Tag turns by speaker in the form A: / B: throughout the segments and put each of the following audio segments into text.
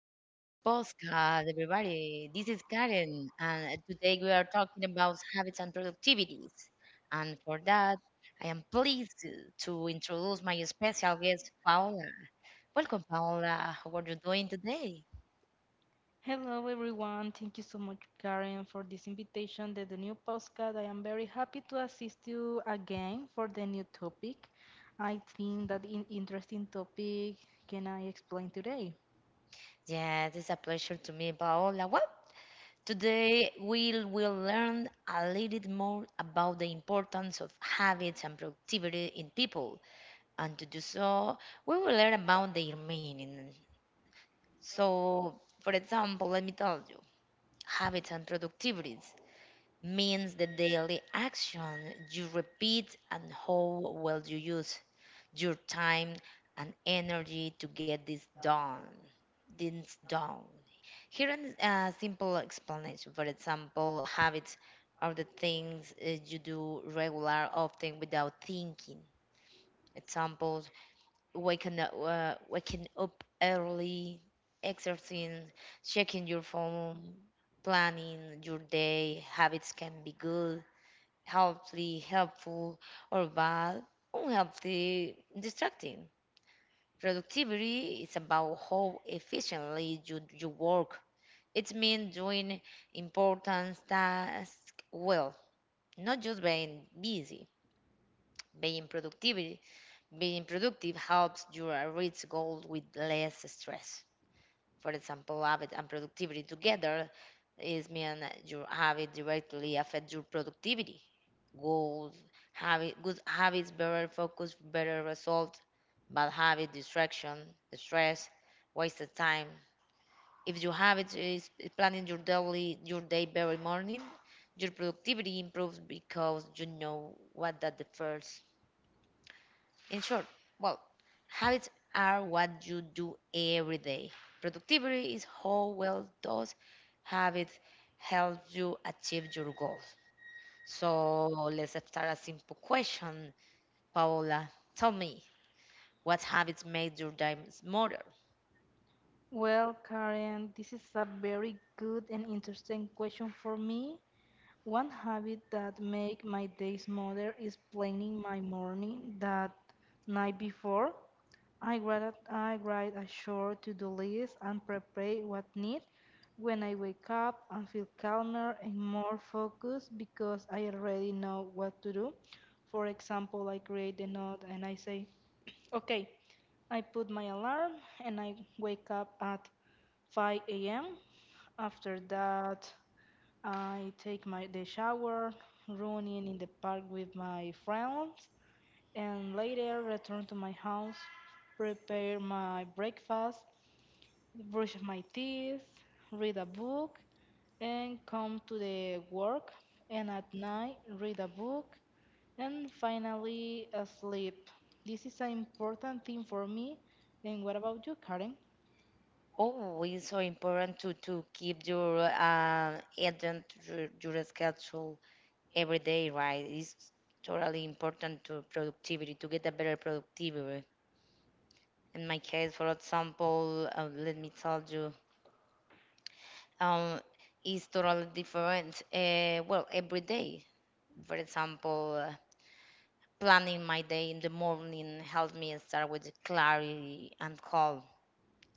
A: back to the podcast, everybody. This is Karen, and today we are talking about habits and productivities. And for that, I am pleased to introduce my special guest, Paola. Welcome, Paola. How are you doing today?
B: Hello, everyone. Thank you so much, Karen, for this invitation to the new postcard. I am very happy to assist you again for the new topic. I think that in interesting topic can I explain today?
A: Yes, it's a pleasure to meet Paola. Well, today we will learn a little bit more about the importance of habits and productivity in people. And to do so, we will learn about their meaning. So, for example, let me tell you, habits and productivities means the daily action you repeat and how well you use your time and energy to get this done. This done. Here is a simple explanation. For example, habits are the things you do regular, often without thinking. Examples waking up early, exercising, checking your phone, planning your day. Habits can be good, healthy, helpful, or bad, unhealthy, distracting. Productivity is about how efficiently you work. It means doing important tasks well, not just being busy, being productive being productive helps you reach goals with less stress. For example, habit and productivity together is mean that your habit directly affects your productivity. Goals, habit, good habits, better focus, better result. Bad habit, distraction, stress, wasted time. If your habit is planning your daily your day very morning, your productivity improves because you know what that the first in short, well, habits are what you do every day. Productivity is how well those habits help you achieve your goals. So let's start a simple question, Paola. Tell me, what habits made your day smoother?
B: Well, Karen, this is a very good and interesting question for me. One habit that make my day smoother is planning my morning that night before. I write a short to-do list and prepare what need. When I wake up, I feel calmer and more focused because I already know what to do. For example, I create a note and I say, okay, I put my alarm and I wake up at 5 a.m. After that, I take my the shower, running in the park with my friends, and later return to my house, prepare my breakfast, brush my teeth, read a book, and come to the work, and at night read a book, and finally sleep. This is an important thing for me. And what about you, Karen?
A: Oh, it's so important to keep your agent, your schedule every day, right? It's totally important to productivity, to get a better productivity. In my case, for example, let me tell you, um, is totally different. Well, every day, for example, planning my day in the morning helps me start with clarity and calm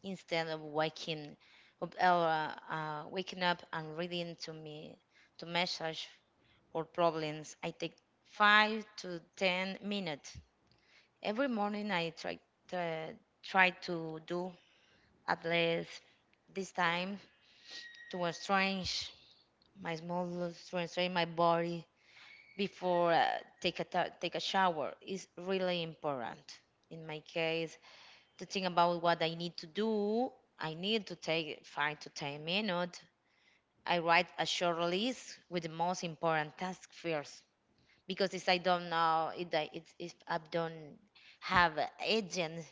A: instead of waking up and reading to me to message or problems. I take 5 to 10 minutes every morning. To, try to do at least this time to unstrange my muscles, to unstrange my body before take a shower is really important. In my case, to think about what I need to do, I need to take 5 to 10 minutes. I write a short list with the most important task first because if I don't know if I, it's, if I don't have a agent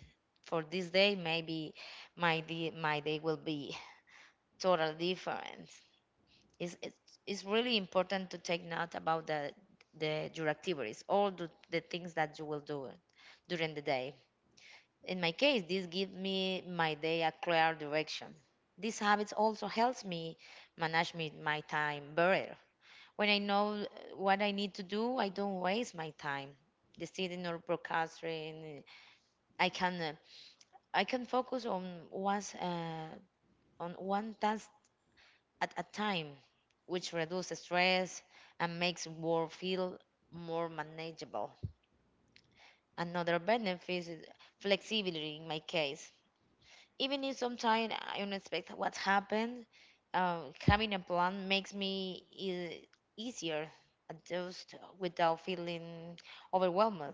A: for this day, maybe my day will be totally different. It's really important to take note about the your activities all the things that you will do during the day in my case this gives me my day a clear direction these habits also helps me my time better when I know what I need to do I don't waste my time deciding or procrastinating I can I can focus one uh, on one task at a time, which reduces stress and makes work feel more manageable. Another benefit is flexibility in my case. Even if sometimes I don't expect what happened, having a plan makes me easier adjust without feeling overwhelmed.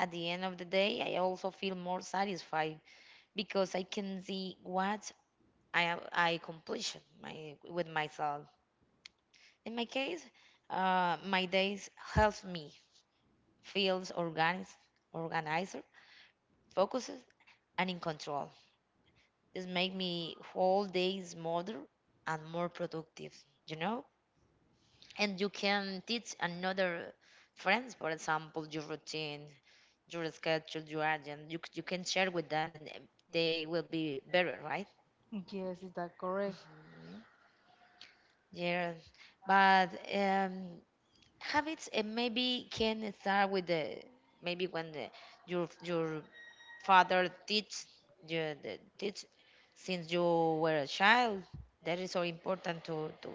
A: At the end of the day, I also feel more satisfied because I can see what I accomplished my, with myself. In my case, my days helps me feels organized, organizer, focuses, and in control. This make me whole days smoother and more productive. You know, and you can teach another friends, for example, your routine, your schedule, your agenda. You can share with them, and they will be better, right?
B: Yes, is that correct?
A: Mhm. Yeah, but um, habits and maybe can start with the maybe when the, your father teach you teach since you were a child that is so important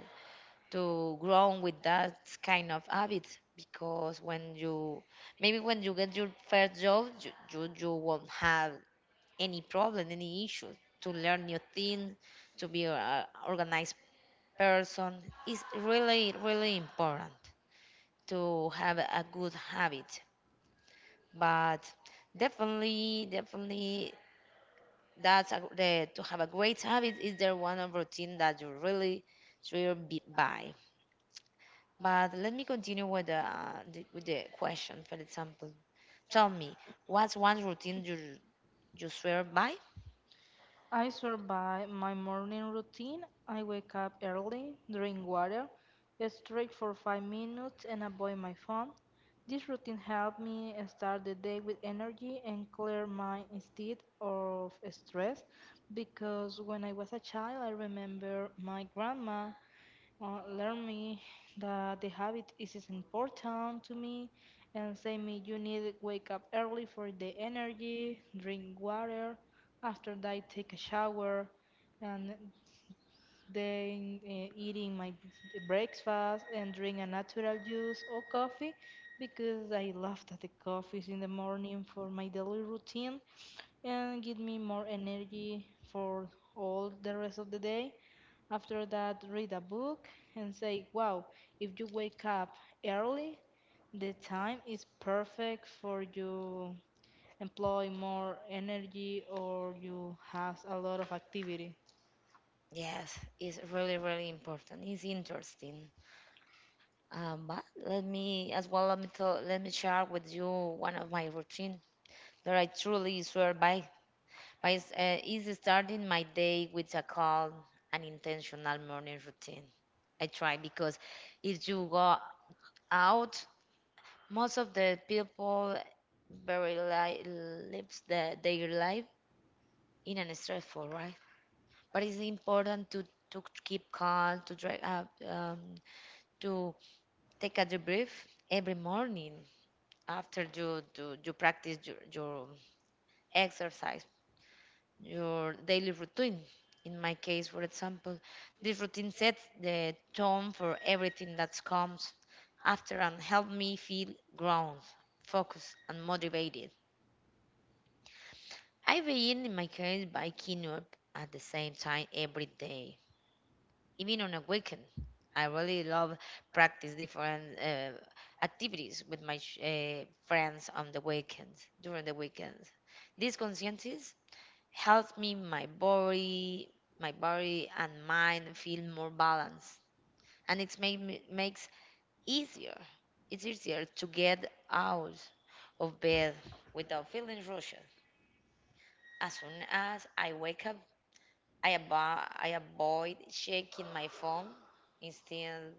A: to grow with that kind of habits because when you maybe when you get your first job you won't have any problem any issue to learn new things to be an organized person is really really important to have a good habit. But definitely, that's a, the, to have a great habit is there one of routine that you really driven by. But let me continue with the with the question. For example, tell me what's one routine you swear by?
B: I survive my morning routine. I wake up early, drink water, stretch for 5 minutes, and avoid my phone. This routine helps me start the day with energy and clear mind instead of stress. Because when I was a child, I remember my grandma learn me that the habit is important to me and say me you need to wake up early for the energy, drink water, after that take a shower and then eating my breakfast and drink a natural juice or coffee because I love that the coffee is in the morning for my daily routine and give me more energy for all the rest of the day after that, read a book and say, wow, if you wake up early, the time is perfect for you employ more energy or you have a lot of activity.
A: Yes, it's really really important. It's interesting. But let me share with you one of my routine that I truly swear by. Is starting my day with a calm and intentional morning routine. I try because if you go out, most of the people very li- lives their life in an stressful, right? But it's important to keep calm, to dry up, to take a deep breath every morning after you do you practice your exercise your daily routine. In my case, for example, this routine sets the tone for everything that comes after and help me feel grounded, focused, and motivated. I begin, in my case, by waking up at the same time every day, even on a weekend. I really love practice different activities with friends on the weekends, during the weekends. This consciences helps me my body and mind feel more balanced and makes easier it's easier to get out of bed without feeling rushed as soon as I wake up I avoid checking my phone instead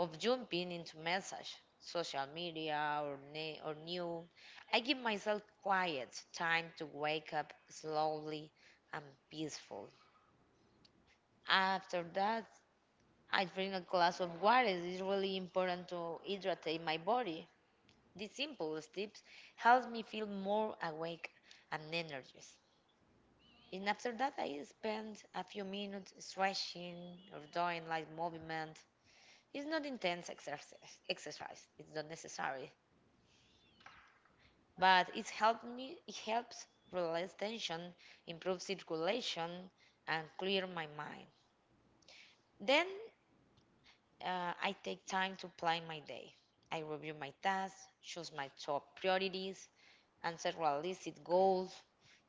A: of jumping into message social media or new I give myself quiet time to wake up slowly and peacefully. After that, I drink a glass of water. It's really important to hydrate my body. These simple steps helps me feel more awake and energized. And after that, I spend a few minutes stretching or doing light movement. It's not intense exercise. Exercise. It's not necessary, but it's helped me. It helps release tension, improve circulation, and clear my mind. Then I take time to plan my day. I review my tasks, choose my top priorities, and set realistic goals.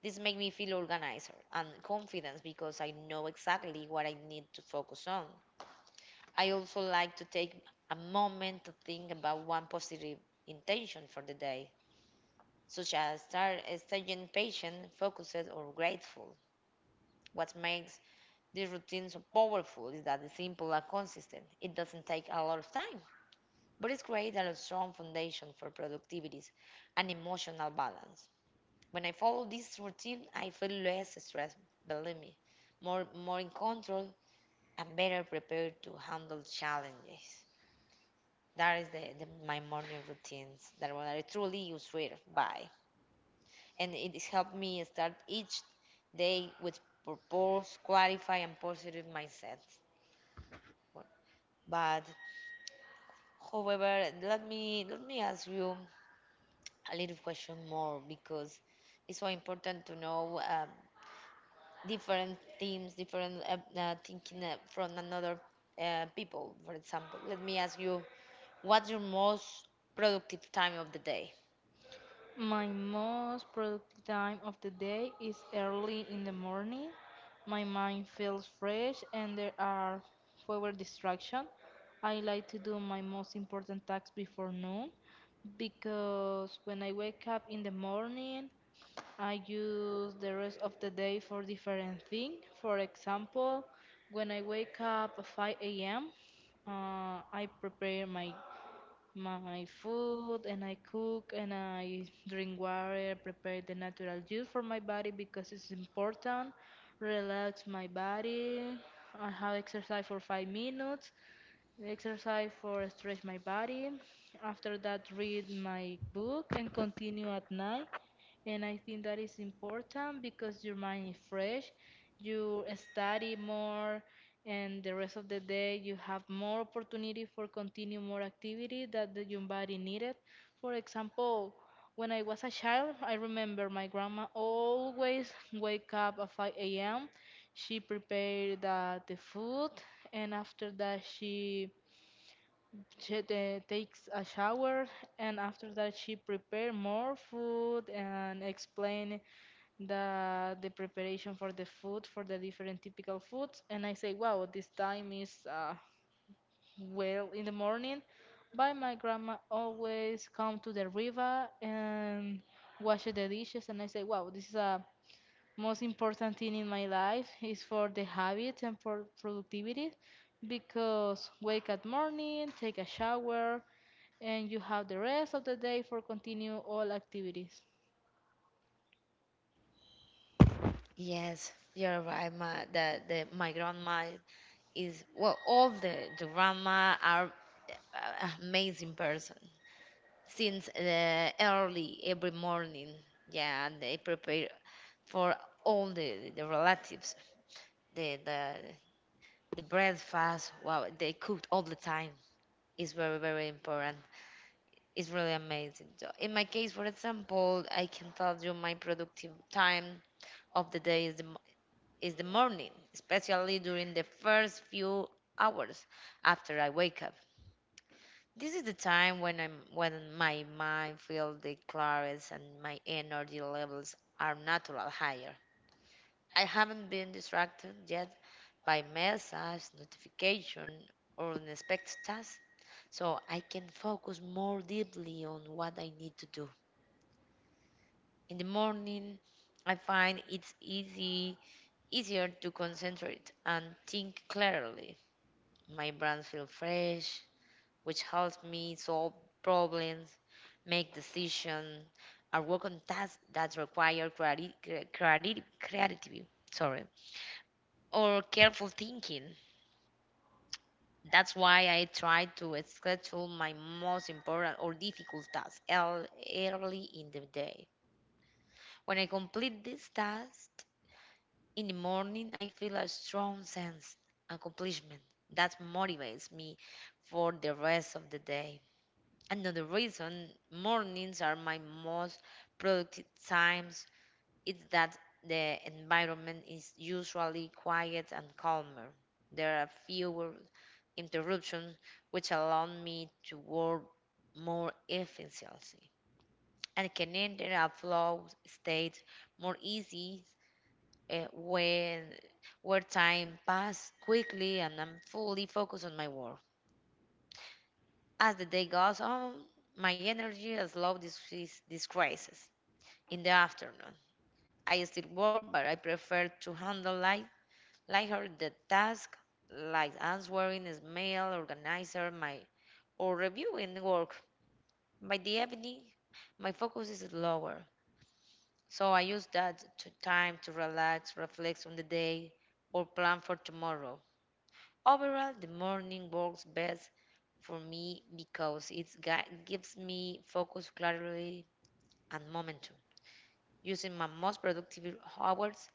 A: This makes me feel organized and confident because I know exactly what I need to focus on. I also like to take a moment to think about one positive intention for the day, such as staying patient, focused, or grateful. What makes this routine so powerful is that it's simple and consistent. It doesn't take a lot of time but it's created a strong foundation for productivity and emotional balance. When I follow this routine, I feel less stressed, believe me, more in control and better prepared to handle challenges. That is the my morning routines that what I truly useful by. And it has helped me start each day with purpose, clarify and positive mindset. But however, let me ask you a little question more because it's so important to know different themes, different thinking from another people. For example, let me ask you, what's your most productive time of the day?
B: My most productive time of the day is early in the morning. My mind feels fresh and there are fewer distractions. I like to do my most important tasks before noon because when I wake up in the morning, I use the rest of the day for different things. For example, when I wake up at 5 a.m., I prepare my food and I cook and I drink water, prepare the natural juice for my body because it's important. Relax my body. I have exercise for 5 minutes exercise for stretch my body. After that, read my book and continue at night. And I think that is important because your mind is fresh. You study more, and the rest of the day you have more opportunity for continue more activity that the, your body needed. For example, when I was a child, I remember my grandma always wake up at 5 a.m. She prepared the food, and after that she takes a shower, and after that, she prepare more food and explain the preparation for the food for the different typical foods. And I say, wow, this time is well in the morning. But my grandma always come to the river and wash the dishes, and I say, wow, this is a most important thing in my life is for the habits and for productivity because wake at morning take a shower and you have the rest of the day for continue all activities.
A: Yes, you're right. My the my grandma is well, all the grandma are amazing person. Since early every morning, yeah, and they prepare for all the relatives. the the the breakfast wow they cooked all the time is very very important it's really amazing so in my case for example I can tell you my productive time of the day is is the morning especially during the first few hours after I wake up this is the time when I'm when my mind feels the clarest and my energy levels are natural higher I haven't been distracted yet by message, notification, or unexpected tasks, so I can focus more deeply on what I need to do. In the morning, I find it's easy easier to concentrate and think clearly. My brain feels fresh, which helps me solve problems, make decisions, or work on tasks that require creativity. Sorry, or careful thinking. That's why I try to schedule my most important or difficult tasks early in the day. When I complete this task in the morning, I feel a strong sense of accomplishment that motivates me for the rest of the day. Another reason mornings are my most productive times is that the environment is usually quiet and calmer. There are fewer interruptions, which allowed me to work more efficiently and can enter a flow state more easy when where time passes quickly and I'm fully focused on my work. As the day goes on, my energy slows this decreases. In the afternoon, I still work, but I prefer to handle lighter the task like answering email, organizer my or reviewing work. By the evening, my focus is lower, so I use that to time to relax, reflect on the day, or plan for tomorrow. Overall, the morning works best for me because it gives me focus, clarity, and momentum. Using my most productive hours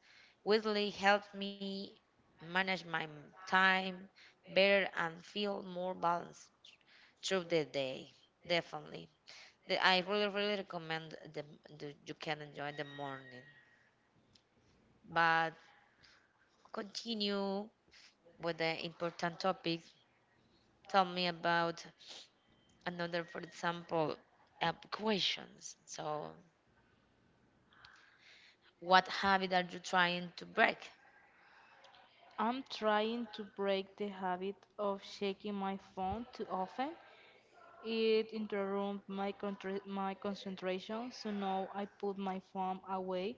A: really helps me manage my time better and feel more balanced through the day. Definitely. I really, really recommend the you can enjoy the morning. But continue with the important topic. Tell me about another, for example, questions. So, what habit are you trying to break?
B: I'm trying to break the habit of checking my phone too often. It interrupts my, my concentration, so now I put my phone away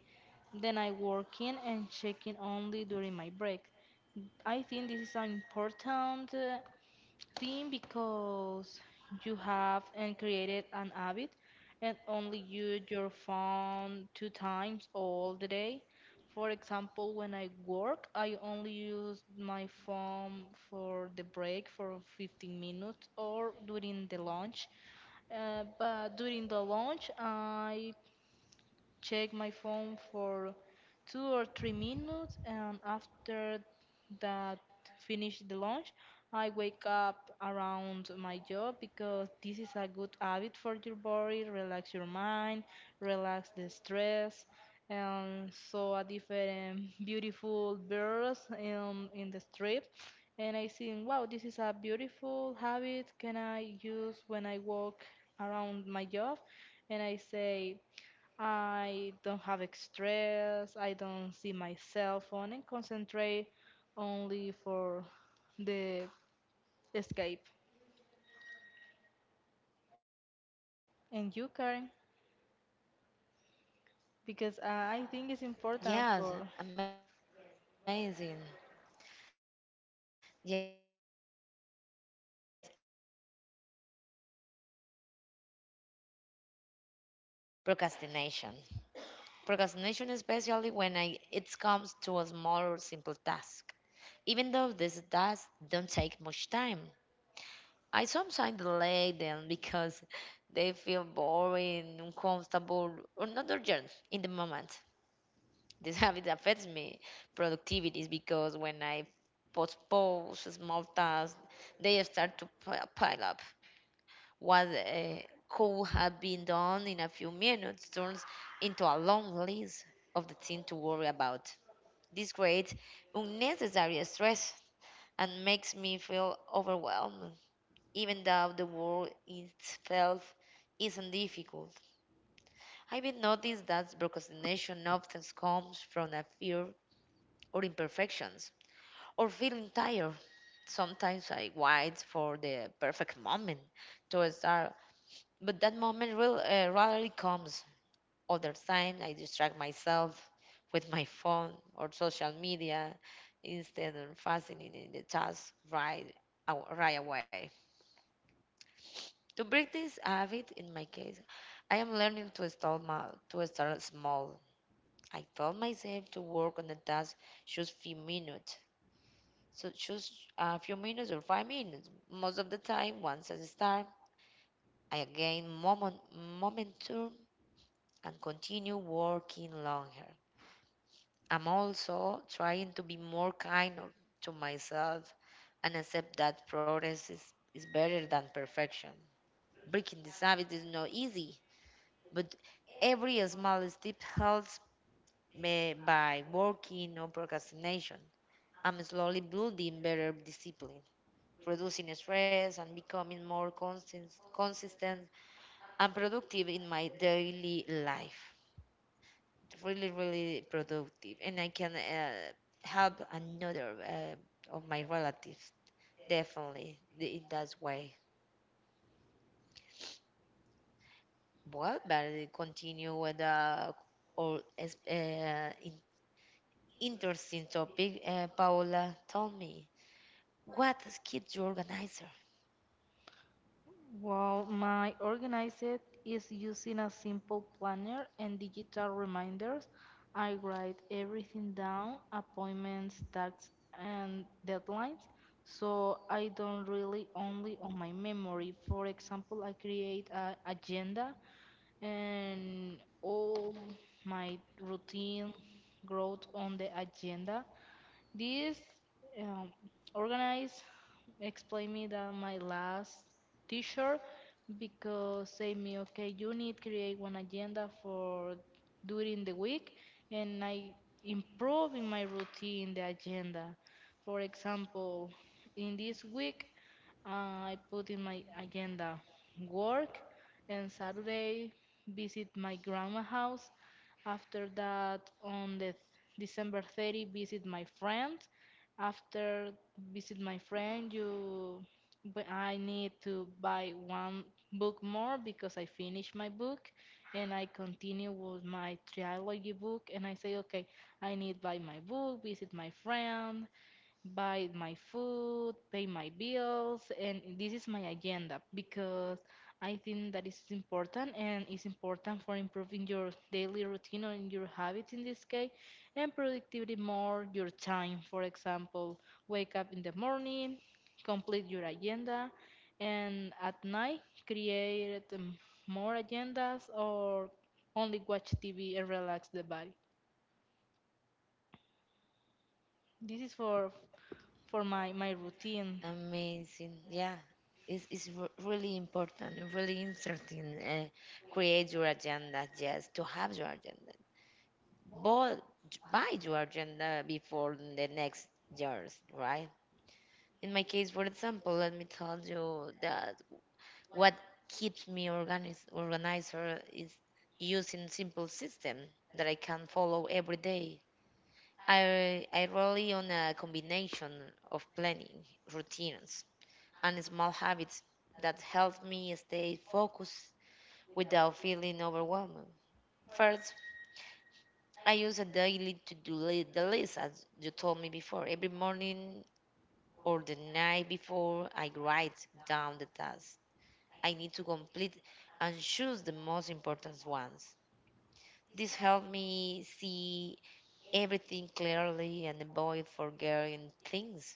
B: then I working and checking only during my break. I think this is an important think because you have and created an habit and only use your phone two times all the day. For example, when I work, I only use my phone for the break for 15 minutes or during the lunch. But during the lunch, I check my phone for 2 or 3 minutes, and after that, finish the lunch. I wake up around my job because this is a good habit for your body, relax your mind, relax the stress, and saw a different beautiful birds in the strip. And I think, wow, this is a beautiful habit. Can I use when I walk around my job? And I say, I don't have stress. I don't see my cell phone and concentrate only for the escape. And you, Karen, because I think it's important
A: Yes,
B: for.
A: amazing. Yes, really, really amazing. In my case, for example, I can tell you one habit that I am really trying to break is procrastination. Procrastination, especially when I, it comes to a small or simple task. Even though these tasks don't take much time, I sometimes delay them because they feel boring, uncomfortable, or not urgent in the moment. This habit affects me productivity because when I postpone small tasks, they start to pile up. What could have been done in a few minutes turns into a long list of the things to worry about. This creates unnecessary stress and makes me feel overwhelmed, even though the world itself isn't difficult. I've been noticed that procrastination often comes from a fear or imperfections or feeling tired. Sometimes I wait for the perfect moment to start, but that moment will rarely comes. Other time, I distract myself with my phone or social media instead of fastening in the task right away. To break this habit, in my case, I am learning to to start small. I told myself to work on the task just few minutes. So just a few minutes or 5 minutes. Most of the time, once I start, I gain momentum and continue working longer. I'm also trying to be more kind of- to myself and accept that progress is better than perfection. Breaking this habit is not easy, but every small step helps me by working on procrastination. I'm slowly building better discipline, reducing stress and becoming more consistent and productive in my daily life. Really, really productive, and I can help another of my relatives definitely in that way. Well, but I continue with the all is- uh, in- interesting topic. Paola, tell me what keeps you organizer.
B: Well, my organizer is using a simple planner and digital reminders. I write everything down, appointments, tasks, and deadlines. So I don't really only on my memory. For example, I create an agenda and all my routine growth on the agenda. This um, organize explained me that my last teacher because say me okay you need create one agenda for during the week and I improve in my routine the agenda. For example, in this week I put in my agenda work and Saturday visit my grandma house. After that, on the December 30, visit my friend. After visit my friend, you but I need to buy one book more because I finished my book and I continue with my trilogy book and I say okay I need buy my book visit my friend buy my food, pay my bills, and this is my agenda because I think that is important and it's important for improving your daily routine or your habits in this case and productivity more your time. For example, wake up in the morning, complete your agenda, and at night create more agendas or only watch TV and relax the body. This is for my my routine.
A: Amazing, yeah. It's really important and really interesting. Create your agenda, yes, to have your agenda bought by your agenda before the next years, right? In my case, for example, let me tell you that what keeps me organizer is using simple system that I can follow every day. I rely on a combination of planning, routines, and small habits that help me stay focused without feeling overwhelmed. First, I use a daily the list, as you told me before. Every morning or the night before, I write down the tasks I need to complete and choose the most important ones. This helps me see everything clearly and avoid forgetting things.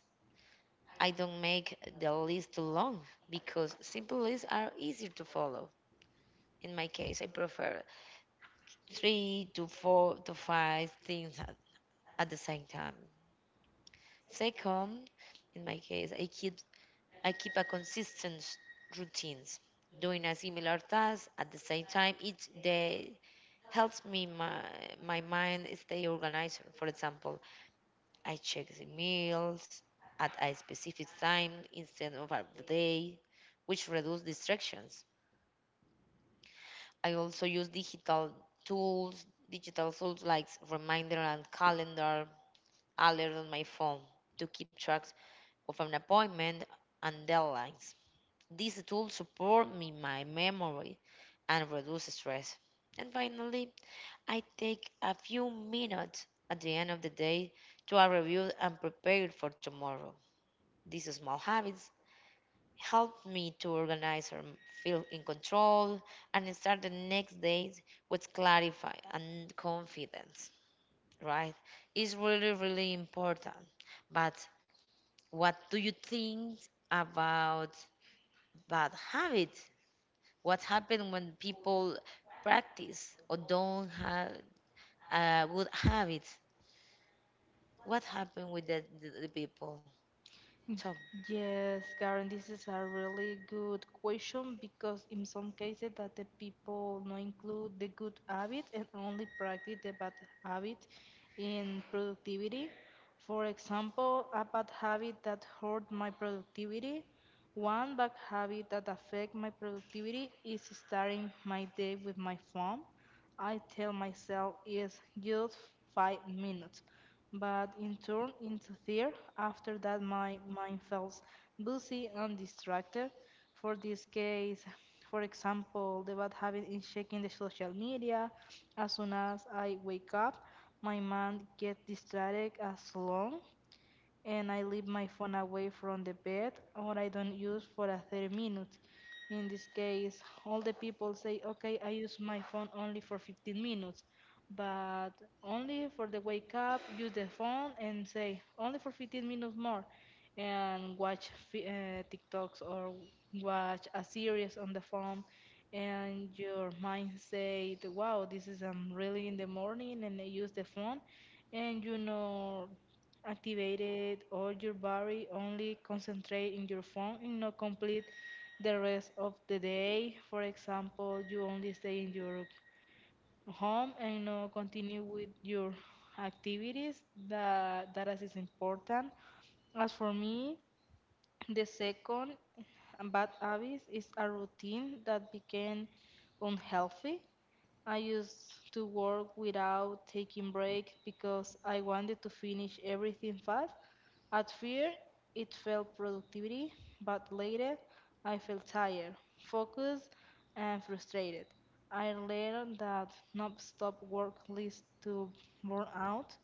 A: I don't make the list too long because simple lists are easier to follow. In my case, I prefer three to four to five things at the same time. Second, in my case, I keep a consistent routines. Doing a similar task at the same time, it they helps me my my mind stay organized. For example, I check the meals at a specific time instead of at the day, which reduce distractions. I also use tools, digital tools like reminder and calendar alert on my phone to keep track of an appointment and deadlines. These tools support me, my memory, and reduce stress. And finally, I take a few minutes at the end of the day to a review and prepare for tomorrow. These small habits help me to organize and feel in control and start the next day with clarity and confidence, right? It's really, really important. But what do you think about bad habits? What happens when people practice or don't have good habits? What happened with the people?
B: Y-
A: So,
B: Yes, Karen, this is a really good question because in some cases that the people no include the good habit and only practice the bad habit in productivity. For example, a bad habit that hurt my productivity. One bad habit that affect my productivity is starting my day with my phone. I tell myself it's just 5 minutes, but in turn into fear after that my mind feels busy and distracted. For this case, for example, the bad habit in checking the social media as soon as I wake up, my mind gets distracted as long and I leave my phone away from the bed or I don't use for a 30 minutes. In this case, all the people say, okay, I use my phone only for 15 minutes, but only for the wake up, use the phone and say, only for 15 minutes more, and watch TikToks or watch a series on the phone. And your mind said, wow, this is really in the morning, and I use the phone and you know activated or your body only concentrate in your phone and not complete the rest of the day. For example, you only stay in your home and not continue with your activities that that is important. As for me, the second bad habit is a routine that became unhealthy. I used to work without taking breaks because I wanted to finish everything fast. At first, it felt productivity, but later, I felt tired, focused, and frustrated. I learned that non-stop work leads to burnout,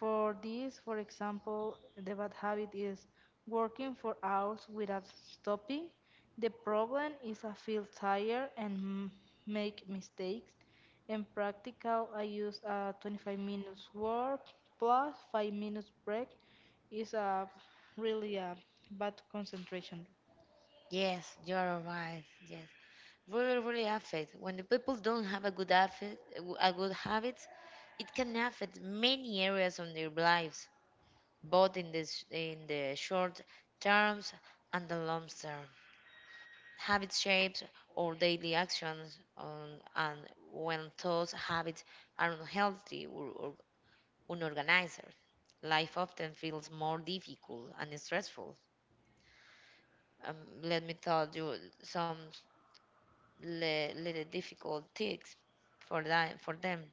B: for this, for example, the bad habit is working for hours without stopping. The problem is I feel tired and make mistakes. In practical, I use a 25 minutes work plus 5 minutes break is a really a bad concentration.
A: yes, you're right. Yes, really, really affect. When the people don't have a good affect, a good habits, it can affect many areas of their lives, both in in the short terms and the long term. Habit shapes our daily actions, and when those habits are unhealthy or unorganized, life often feels more difficult and stressful. Um, Let me tell you some little difficult tips for that for them.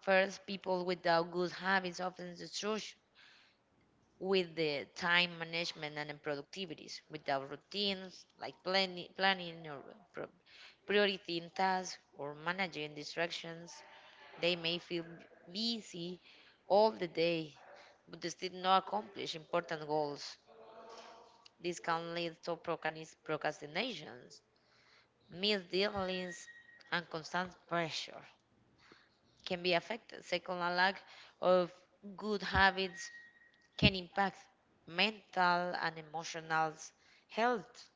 A: First, people without good habits often struggle with the time management and the productivities, without routines like planning or pro- prioritizing tasks or managing distractions, they may feel busy all the day, but they still not accomplish important goals. This can lead to procrastinations, missed deadlines, and constant pressure can be affected. Second, a lack of good habits can impact mental and emotional health.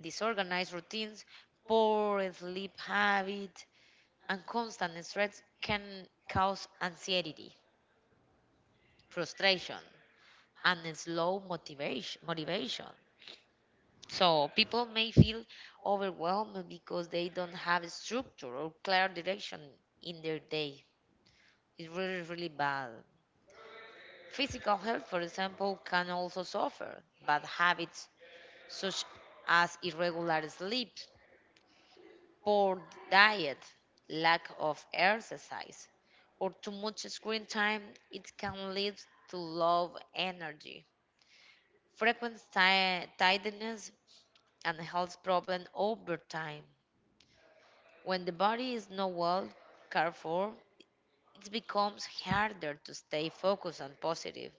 A: Disorganized routines, poor sleep habit, and constant stress can cause anxiety, frustration, and a slow motivation. So people may feel overwhelmed because they don't have a structure or clear direction in their day. It's really, really bad. Physical health, for example, can also suffer. Bad habits such as irregular sleep, poor diet, lack of exercise, or too much screen time, it can lead to low energy, frequent tiredness, and health problems over time. When the body is not well cared for, it becomes harder to stay focused and positive.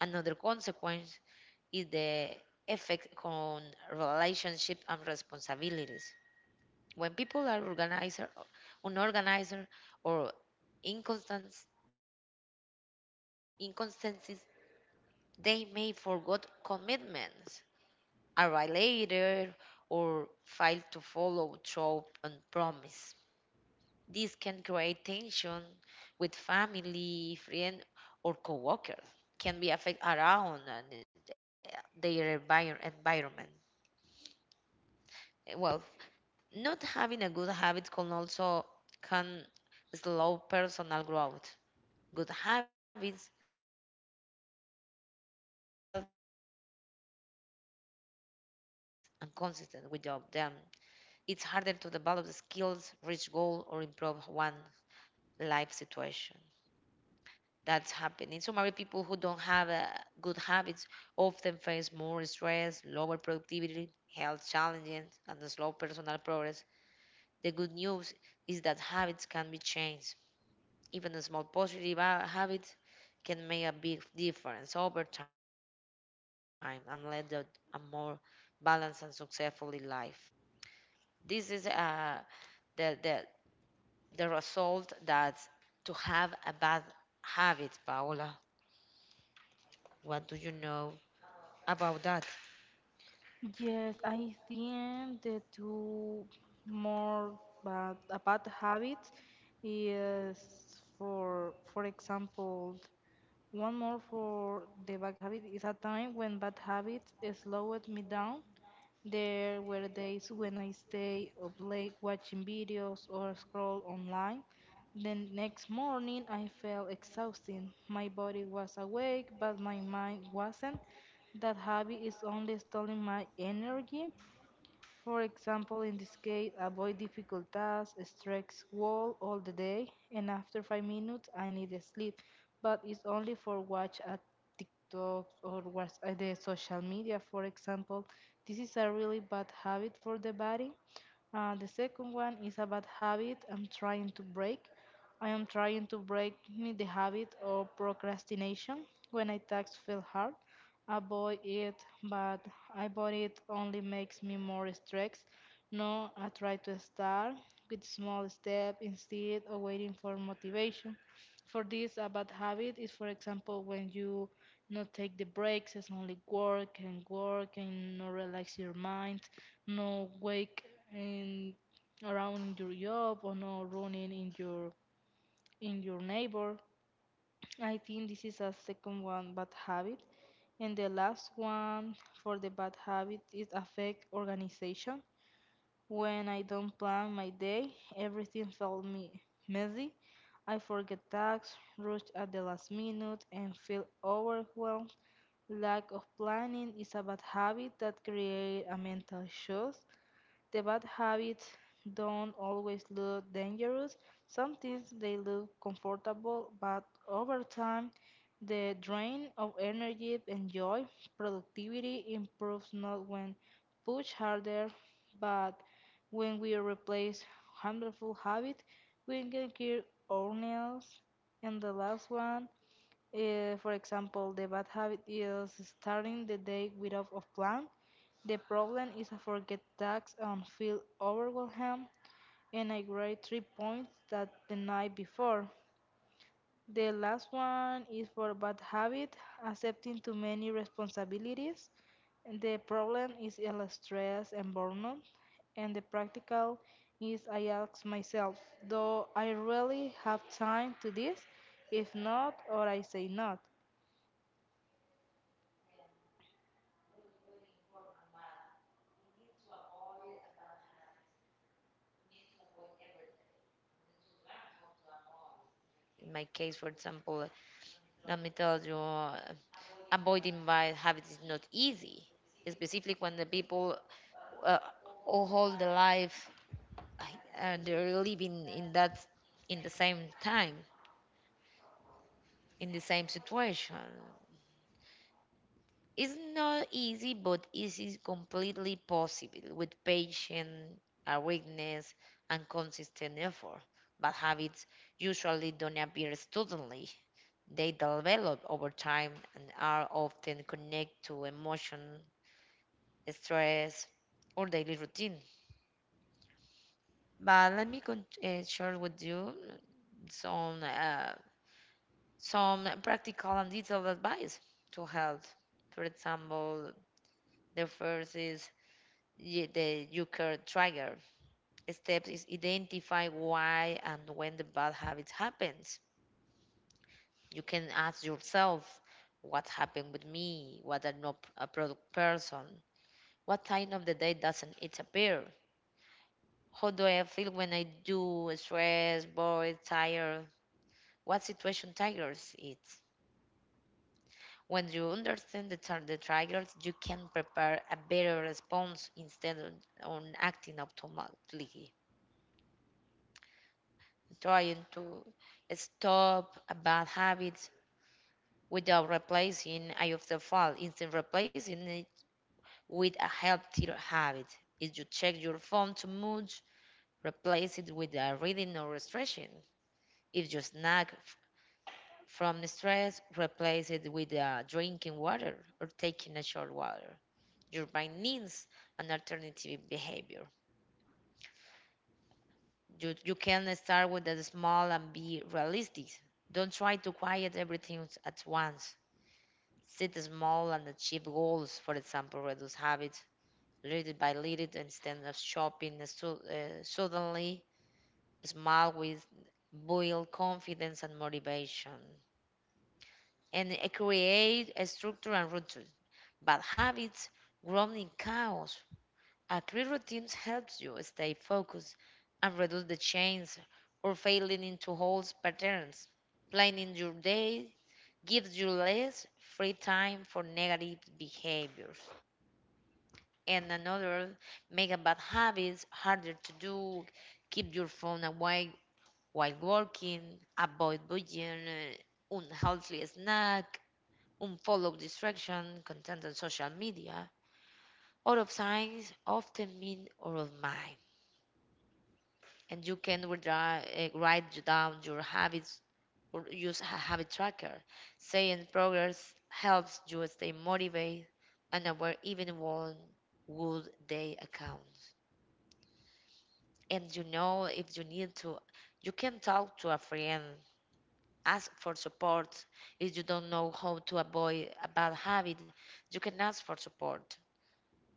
A: Another consequence is the effect on relationship and responsibilities. When people are organizer, unorganized, or inconstant, inconstancies, they may forget commitments, arrive later, or fail to follow through on promise. This can create tension with family, friend, or coworkers. Can be affect around and their environment. Well, not having a good habit can also can slow personal growth. Good habits helps people build discipline, confidence, and consistent without them. It's harder to develop the skills, reach goal, or improve one life situation. That's happening. So many people who don't have good habits often face more stress, lower productivity, health challenges, and slow personal progress. The good news is that habits can be changed. Even a small positive habit can make a big difference over time and lead to a more balanced and successful life. This is the result that to have a bad habit, Paola. What do you know about that?
B: Yes, I think the two more bad, a bad habits is for example, one more for the bad habit is a time when bad habits slowed me down there were days when I stayed up late watching videos or scrolled online. The next morning, I felt exhausted. My body was awake, but my mind wasn't. That habit is only stealing my energy. For example, in this case, avoid difficult tasks, stretch wall all the day, and after 5 minutes, I need a sleep. But it's only for watch at TikTok or watch at the social media, for example. This is a really bad habit for the body. The second one is a bad habit I'm trying to break. I am trying to break me the habit of procrastination when I tasks feel hard. I bought it, but I bought it only makes me more stressed. No, I try to start with small step instead of waiting for motivation. For this, a bad habit is, for example, when you not take the breaks, it's only work and work and no relax your mind, no wake in around your job or no running in your neighbor. I think this is a second one bad habit. And the last one for the bad habit is affect organization. When I don't plan my day, everything felt me messy. I forget tasks, rush at the last minute, and feel overwhelmed. Lack of planning is a bad habit that creates a mental shock. The bad habits don't always look dangerous. Sometimes they look comfortable, but over time, the drain of energy and joy, productivity improves not when pushed harder, but when we replace harmful habits, we can cure ourselves. And the last one, for example, the bad habit is starting the day without a plan. The problem is I forget tasks and feel overwhelmed, and I grade 3 points that the night before. The last one is for bad habit, accepting too many responsibilities. The problem is el stress and burnout, and the practical is I ask myself, do I really have time to this? If not, or I say not.
A: In my case, for example, let me tell you, avoiding bad habits is not easy, especially when the people uh, all hold the life they're living in that in the same time in the same situation. It's not easy, but it is completely possible with patience, awareness, and consistent effort. But habits usually don't appear suddenly. They develop over time and are often connected to emotion, stress, or daily routine. But let me share with you some uh, some practical and detailed advice to health. For example, the first is the Euchre trigger. Steps is identify why and when the bad habit happens. You can ask yourself, what happened with me? What I'm not a product person? What time of the day doesn't it appear? How do I feel when I do? Stressed, bored, tired? What situation triggers it? When you understand the triggers, you can prepare a better response instead of on acting automatically. Trying to stop a bad habit without replacing eye of the fall, instead replacing it with a healthier habit. If you check your phone too much, replace it with a reading or stretching. If you snack from the stress, replace it with drinking water or taking a short water. Your brain needs an alternative behavior. You can start with the small and be realistic. Don't try to quiet everything at once. Set small and achieve goals, for example, reduce habits little by little instead of shopping so, suddenly. Small with build confidence and motivation and create a structure and routine. Bad habits grown in chaos. A clear routine helps you stay focused and reduce the chance or failing into holes patterns. Planning your day gives you less free time for negative behaviors. And another, make a bad habits harder to do. Keep your phone away while working. Avoid buying unhealthy snack. Unfollow distraction content on social media. Out of signs often mean out of mind, and you can write down your habits or use a habit tracker. Saying progress helps you stay motivated and aware even when good day accounts. And you know if you need to, you can talk to a friend, ask for support. If you don't know how to avoid a bad habit, you can ask for support.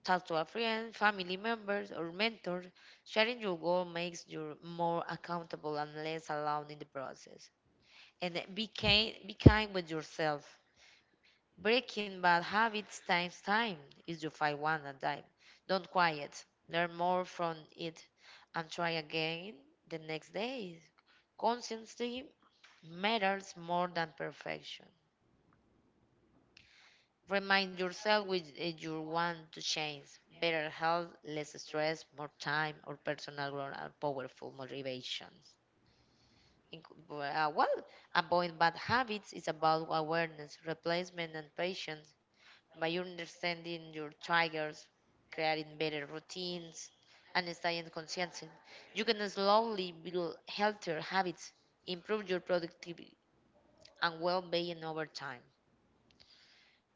A: Talk to a friend, family members, or mentors. Sharing your goal makes you more accountable and less alone in the process. And be kind with yourself. Breaking bad habits takes time is you fight one at a time. Don't quiet. Learn more from it and try again the next day. Consistency matters more than perfection. Remind yourself with you want to change. Better health, less stress, more time, or personal growth and powerful motivations. Inc- uh, well, Avoid bad habits is about awareness, replacement, and patience. By understanding your triggers, creating better routines, and staying consistent, you can slowly build healthier habits, improve your productivity and well-being over time.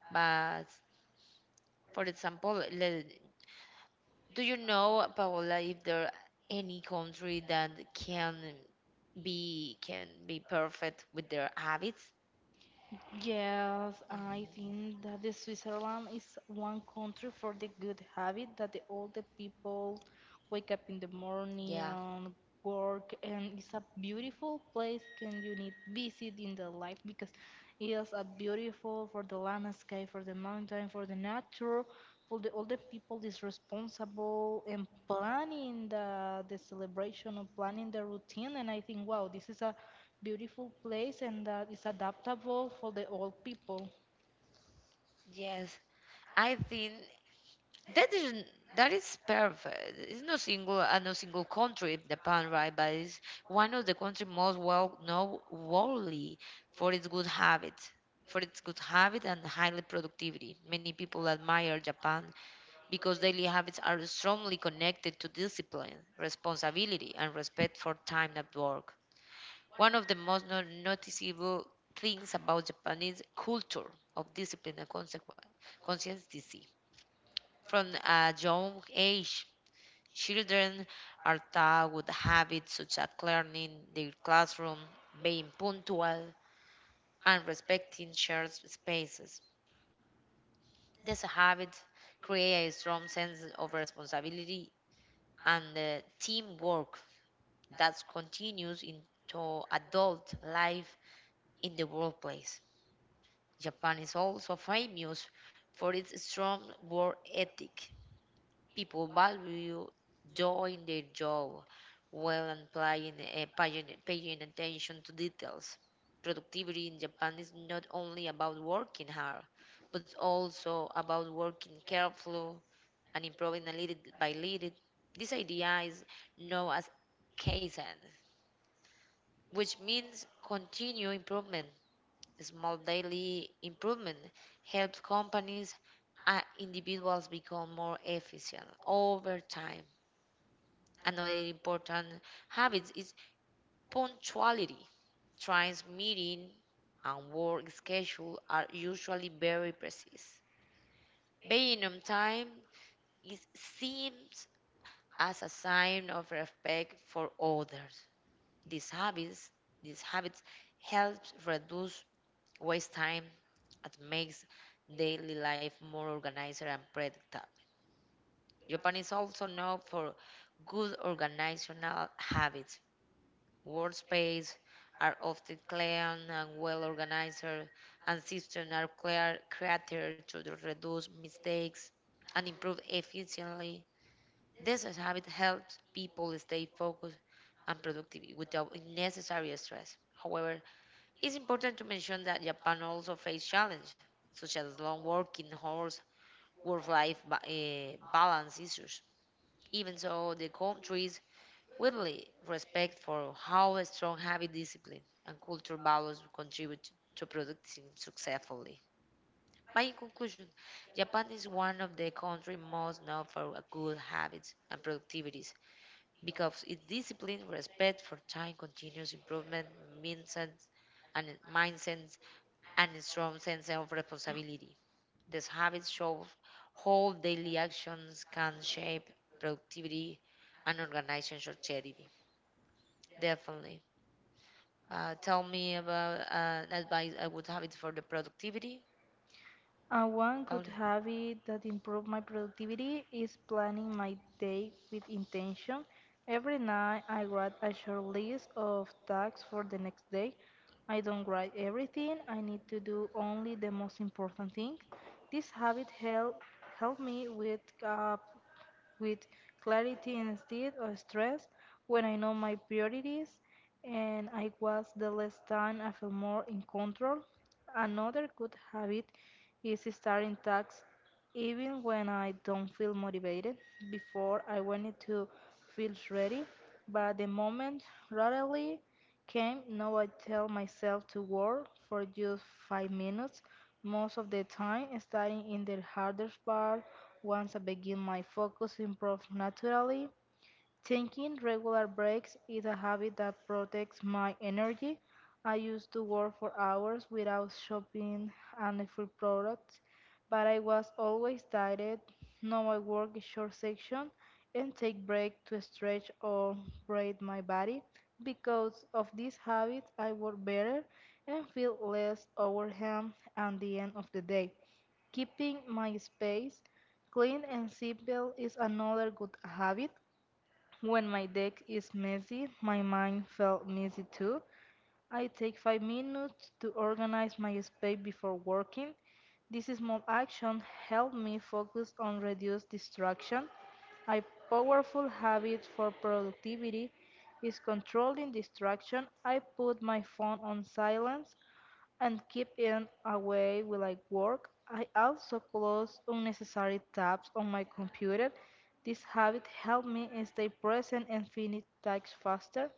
A: But for example, let. Do you know, Paola, if there are any country that can be perfect with their habits?
B: Yes, I
A: Mhm.
B: think that the Switzerland is one country for the good habit that all the people wake up in the morning
A: Yeah.
B: work, and it's a beautiful place can you need visit in the life, because it is a beautiful for the landscape, for the mountain, for the nature, for the all the people is responsible and planning the celebration or planning the routine. And I think, wow, this is a beautiful place and that is adaptable for the old people.
A: Yes. I think that is that is perfect. It's no single no single country in Japan, right? But it's one of the country most well known worldly for its good habits, for its good habit and highly productivity. Many people admire Japan because daily habits are strongly connected to discipline, responsibility, and respect for time at work. One of the most noticeable things about Japanese culture of discipline and consistency. From a young age, children are taught with habits such as cleaning their classroom, being punctual, and respecting shared spaces. These habits create a strong sense of responsibility and the teamwork that continues into adult life in the workplace. Japan is also famous for its strong work ethic. People value doing their job well and paying attention to details. Productivity in Japan is not only about working hard, but also about working carefully and improving a little by little. This idea is known as Kaizen, which means continuous improvement. Small daily improvement helps companies and individuals become more efficient over time. Another important habit is punctuality. Trains meeting and work schedule are usually very precise. Being on time is seems as a sign of respect for others. These habits, these habits helps reduce waste time and makes daily life more organized and predictable. Japan is also known for good organizational habits. Workspaces are often clean and well organized, and systems are clear, created to reduce mistakes and improve efficiency. This habit helps people stay focused and productive without unnecessary stress. However, it's important to mention that Japan also faces challenges such as long working hours, balance issues. Even so, the country's widely respect for how a strong habit discipline and culture values contribute to producing successfully. By in conclusion, Japan is one of the country most known for good habits and productivities because its discipline, respect for time, continuous improvement, mindset, and mindset, and a strong sense of responsibility. These habits show how daily actions can shape productivity and organizational charity. Definitely. Tell me about advice, a good habit for the productivity,
B: One good
A: Paula.
B: habit that improved my productivity is planning my day with intention. Every night I write a short list of tasks for the next day. I don't write everything, I need to do only the most important things. This habit helped me with up with clarity instead of stress. When I know my priorities and I was the less time, I feel more in control. Another good habit is starting tasks even when I don't feel motivated. Before I wanted to feel ready, but the moment rarely came. Now I tell myself to work for just 5 minutes. Most of the time, starting in the hardest part, once I begin, my focus improves naturally. Taking regular breaks is a habit that protects my energy. I used to work for hours without shopping any food products, but I was always tired. Now I work in short section and take breaks to stretch or braid my body. Because of this habit, I work better and feel less overwhelmed at the end of the day. Keeping my space clean and simple is another good habit. When my deck is messy, my mind felt messy too. I take 5 minutes to organize my space before working. This small action helped me focus on reduced distraction. A powerful habit for productivity is controlling distraction. I put my phone on silence and keep it away while I work. I also close unnecessary tabs on my computer. This habit helped me stay present and finish tasks faster,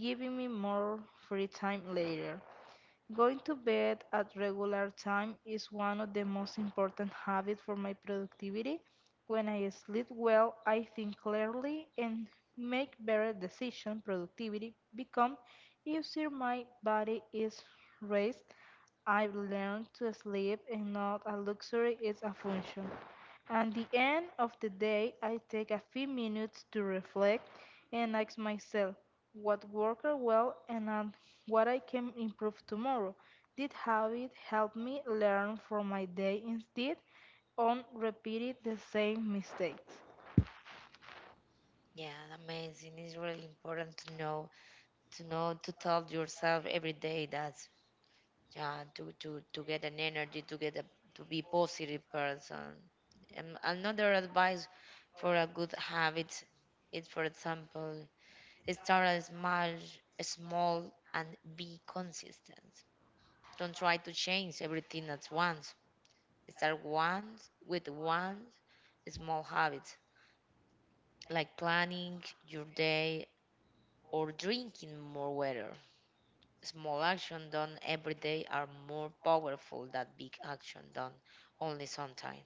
B: giving me more free time later. Going to bed at regular time is one of the most important habits for my productivity. When I sleep well, I think clearly and make better decisions. Productivity become easier. My body is raised. I've learned to sleep and not a luxury, it's a function. At the end of the day, I take a few minutes to reflect and ask myself what worked well and on what I can improve tomorrow. Did habit help me learn from my day instead on repeating the same mistakes?
A: Yeah, amazing. It's really important to know, to know, to tell yourself every day that. Yeah, to to get an energy, to get a, to be positive person. Another advice for a good habit is, for example, start a small, small and be consistent. Don't try to change everything at once. Start once with one small habit, like planning your day or drinking more water. Small action done every day are more powerful than big action done only sometimes.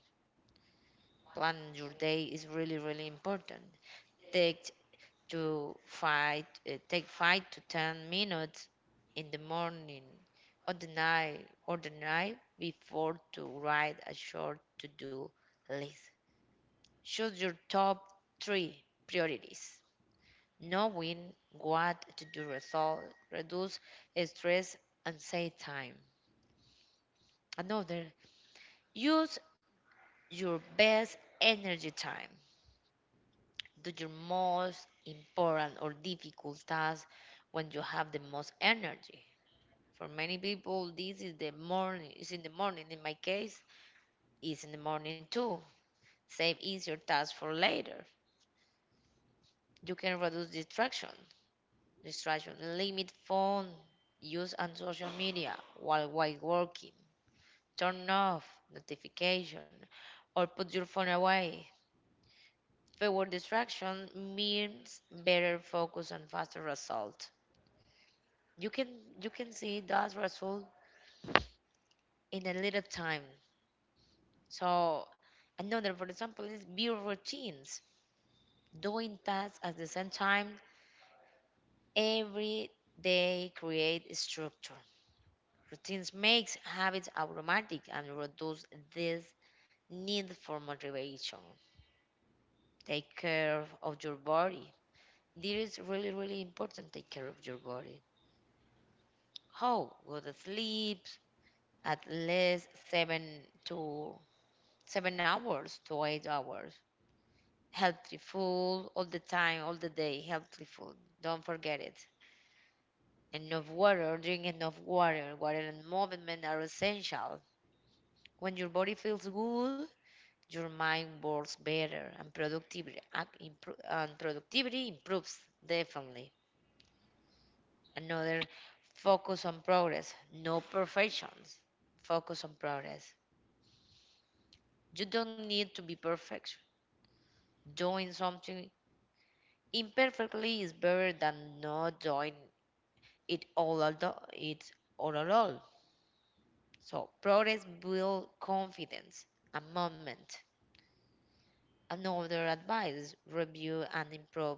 A: Planning your day is really, really important. Take to five, Take 5 to 10 minutes in the morning or the night before to write a short to-do list. Choose your top three priorities. Knowing what to do result reduce stress and save time. Another. Use your best energy time. Do your most important or difficult task when you have the most energy. For many people, this is the morning. It's in the morning. In my case, it's in the morning too. Save easier tasks for later. You can reduce distraction. Distraction. Limit phone use on social media while working. Turn off notification or put your phone away. Fewer distraction means better focus and faster result. You can you can see that result in a little time. So another for example is build routines. Doing tasks at the same time every day create structure. Routines makes habits automatic and reduce this need for motivation. Take care of your body. This is really really important. Take care of your body. How? Good sleep, at least to 7 hours to 8 hours. Healthy food all the time, all the day. Healthy food. Don't forget it. Enough water. Drink enough water. Water and movement are essential. When your body feels good, your mind works better, and productivity improves definitely. Another focus on progress, no perfections. Focus on progress. You don't need to be perfect doing something. Imperfectly is better than not doing it all at all. It's all at all. So progress builds confidence, a moment. Another advice: review and improve.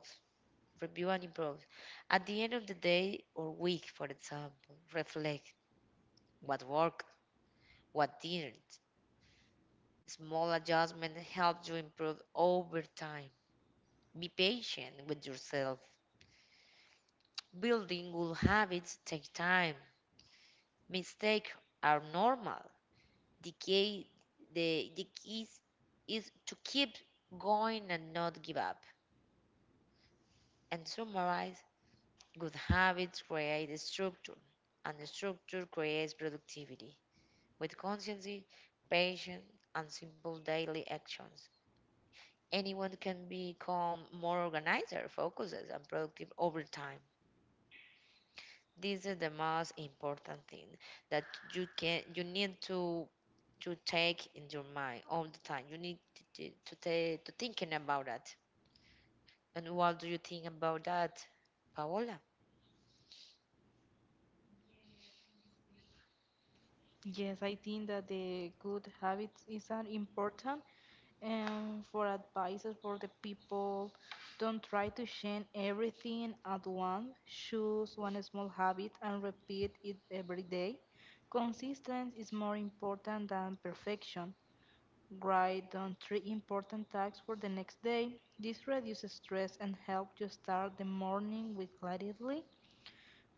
A: Review and improve. At the end of the day or week, for example, reflect what worked, what didn't. Small adjustments help you improve over time. Be patient with yourself. Building good habits take time. Mistakes are normal. the key the key is to keep going and not give up and summarize good habits create a structure and the structure creates productivity with consistency patience and simple daily actions anyone can become more organized focused and productive over time. This is the most important thing that you need to take in your mind all the time. You need to, to thinking about that. And what do you think about that, Paola?
B: Yes, I think that the good habits is are important and for advices for the people. Don't try to change everything at once. Choose one small habit and repeat it every day. Consistency is more important than perfection. Write down three important tasks for the next day. This reduces stress and helps you start the morning with clarity.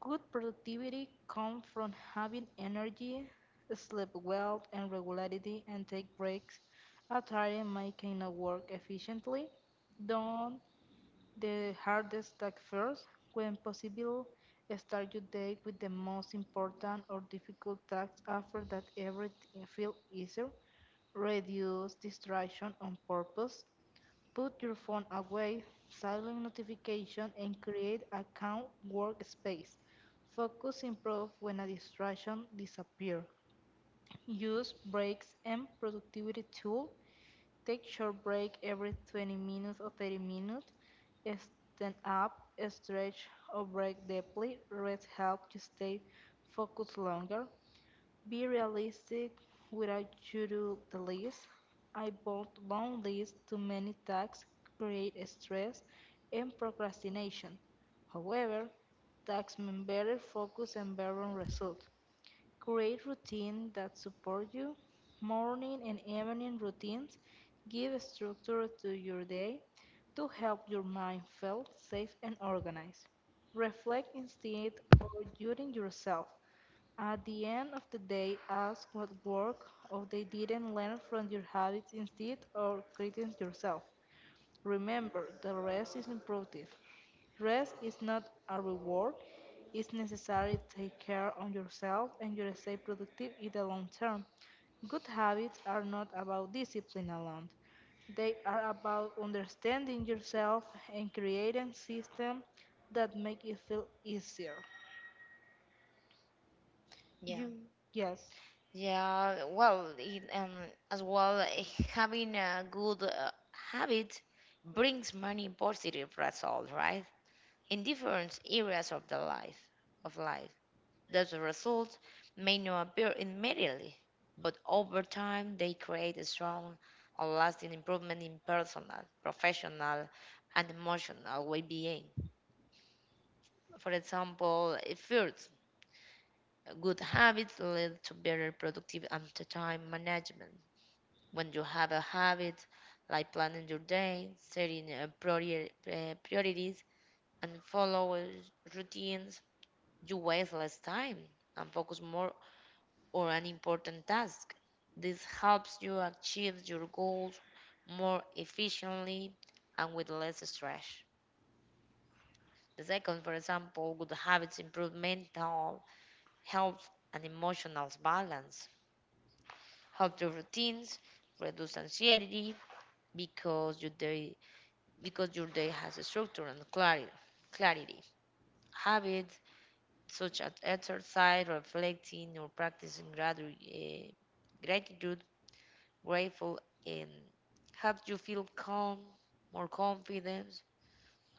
B: Good productivity comes from having energy, sleep well and regularity, and take breaks after tiring making a work efficiently. Done the hardest task first. When possible, start your day with the most important or difficult tasks. After that everything feel easier. Reduce distraction on purpose. Put your phone away, silent notification, and create a calm workspace. Focus improve when a distraction disappear. Use breaks and productivity tool. Take short break every 20 minutes or 30 minutes. Stand up, stretch or breathe deeply. Rest help you stay focused longer. Be realistic without you do the list. I bought long lists too many tasks create stress and procrastination. However, tasks mean better focus and better results. Create routines that support you. Morning and evening routines give structure to your day to help your mind feel safe and organized. Reflect instead of judging yourself. At the end of the day, ask what work or they didn't learn from your habits instead or criticize yourself. Remember, the rest is imperative. Rest is not a reward. It's necessary to take care on yourself and you stay productive in the long term. Good habits are not about discipline alone. They are about understanding yourself and creating systems that make it feel easier.
A: Yeah,
B: You Yes.
A: yeah. Well, it, and as well, having a good habit brings many positive results, right? In different areas of the life of life, those results may not appear immediately, but over time they create a strong and lasting improvement in personal, professional, and emotional well-being. For example, first, good habits lead to better productive and to time management. When you have a habit like planning your day, setting priorities, and follow routines, you waste less time and focus more on an important task. This helps you achieve your goals more efficiently and with less stress. The second, for example, good habits improve mental health and emotional balance help your routines, reduce anxiety because your day because your day has a structure and clarity. Clarity. Habits such as exercise, reflecting, or practicing gratitude, grateful, and help you feel calm, more confident,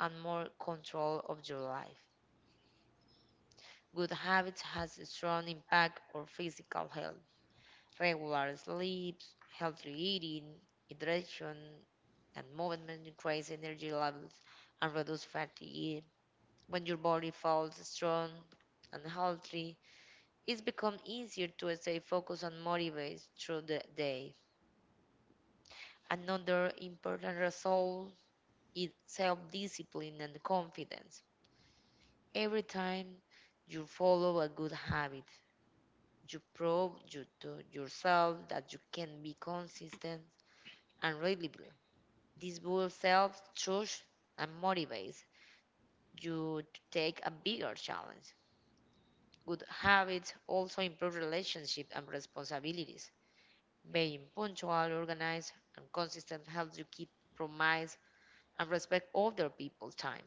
A: and more control of your life. Good habits has a strong impact on physical health. Regular sleeps, healthy eating, hydration, and movement increase energy levels and reduce fatigue. When your body feels strong and healthy, it becomes easier to stay focused and motivated through the day. Another important result is self-discipline and confidence. Every time you follow a good habit, you prove you to yourself that you can be consistent and reliable. This will self trust and motivates you to take a bigger challenge. Good habits also improve relationships and responsibilities. Being punctual, organized, and consistent helps you keep promise and respect other people's time.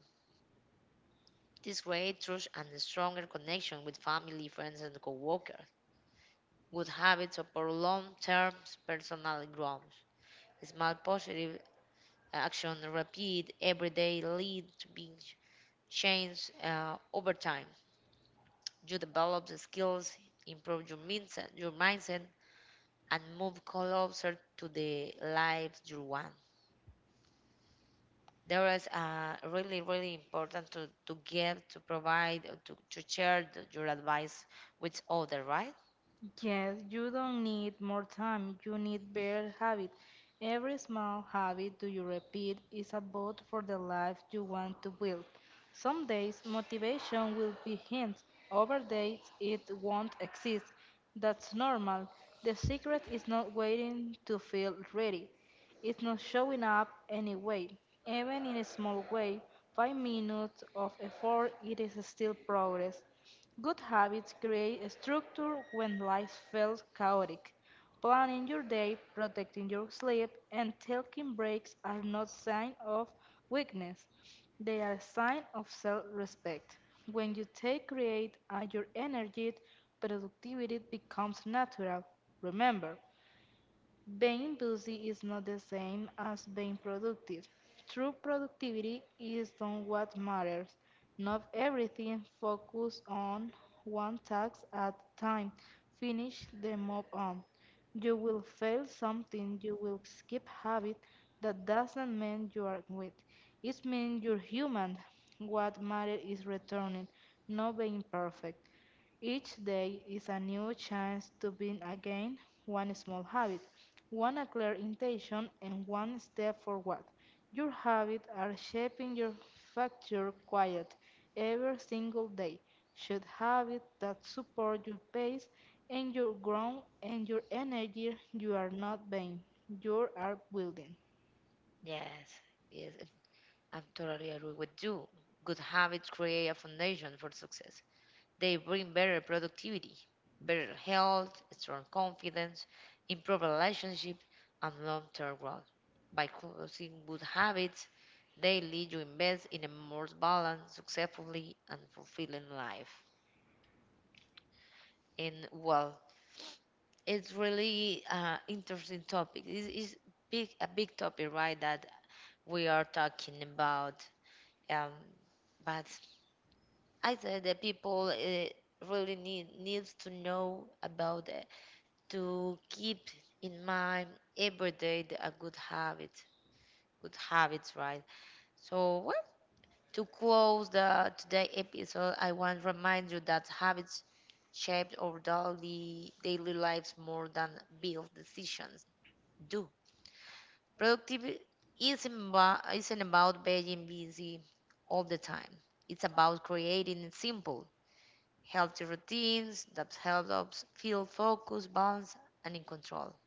A: This creates trust and a stronger connection with family, friends, and coworkers. Good habits support long-term personal growth. Small positive action repeat every day lead to big change over time. You develop the skills, improve your mindset, and move closer to the lives you want. There is really, really important to give, to provide, to share the, your advice with others, right?
B: Yes, you don't need more time, you need better habit. Every small habit do you repeat is a vote for the life you want to build. Some days motivation will be hint, other days it won't exist. That's normal. The secret is not waiting to feel ready. It's not showing up anyway. Even in a small way, 5 minutes of effort it is still progress. Good habits create a structure when life feels chaotic. Planning your day, protecting your sleep, and taking breaks are not signs of weakness. They are a sign of self-respect. When you take create at your energy, productivity becomes natural. Remember, being busy is not the same as being productive. True productivity is on what matters. Not everything, focus on one task at a time. Finish the move on. You will fail something, you will skip habit. That doesn't mean you are weak. It means you're human. What matters is returning, not being perfect. Each day is a new chance to begin again, one small habit, one a clear intention, and one step forward. Your habits are shaping your future quiet every single day. Should habits that support your pace and your growth and your energy, you are not vain. You are building.
A: Yes, yes, I'm totally agree with you. Good habits create a foundation for success. They bring better productivity, better health, strong confidence, improved relationship, and long-term growth. By closing good habits, they lead you invest in a more balanced, successfully, and fulfilling life. And well, it's really interesting topic. It's big, a big topic, right? That we are talking about. Um, but I said that people really needs to know about to keep in mind every day a good habit, good habits, right? So, well, to close the today episode, I want to remind you that habits shape our daily lives more than big decisions do. Productivity isn't about being busy all the time. It's about creating simple, healthy routines that help us feel focused, balanced, and in control.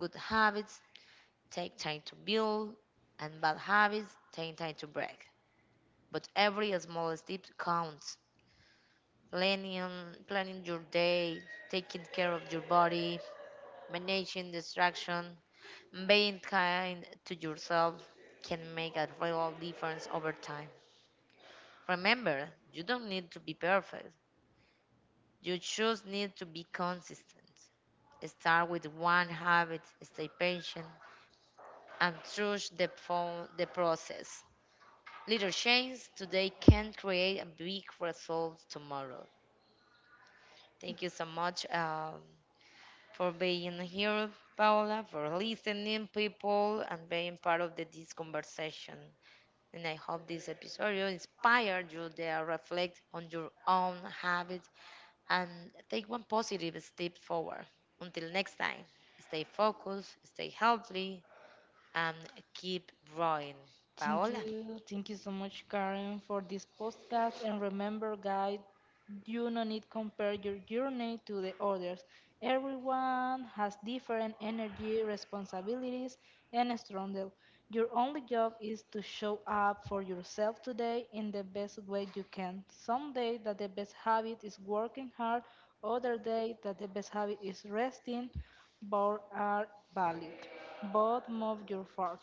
A: Good habits take time to build, and bad habits take time to break. But every small step counts. Planning, Planning your day, taking care of your body, managing distraction, being kind to yourself can make a real difference over time. Remember, you don't need to be perfect. You just need to be consistent. Start with one habit, stay patient, and trust the process. Little change today can create a big result tomorrow. Thank you so much for being here, Paola, for listening, people, and being part of this conversation. And I hope this episode inspired you to reflect on your own habits and take one positive step forward. Until next time, stay focused, stay healthy, and keep growing.
B: Thank
A: Paola,
B: you. Thank you so much, Karen, for this podcast. And remember, guys, you no need compare your journey to the others. Everyone has different energy, responsibilities, and struggle. Your only job is to show up for yourself today in the best way you can. Some day that the best habit is working hard, other day that the best habit is resting. Both are valid. Both move your forward.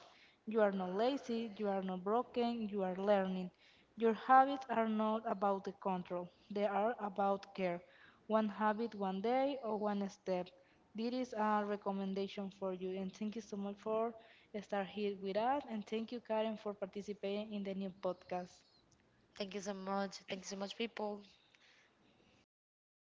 B: You are not lazy, you are not broken, you are learning. Your habits are not about the control, they are about care. One habit one day or one step. This is a recommendation for you and thank you so much for start here with us and thank you Karen for participating in the new podcast.
A: thank you so much. Thank you so much, people.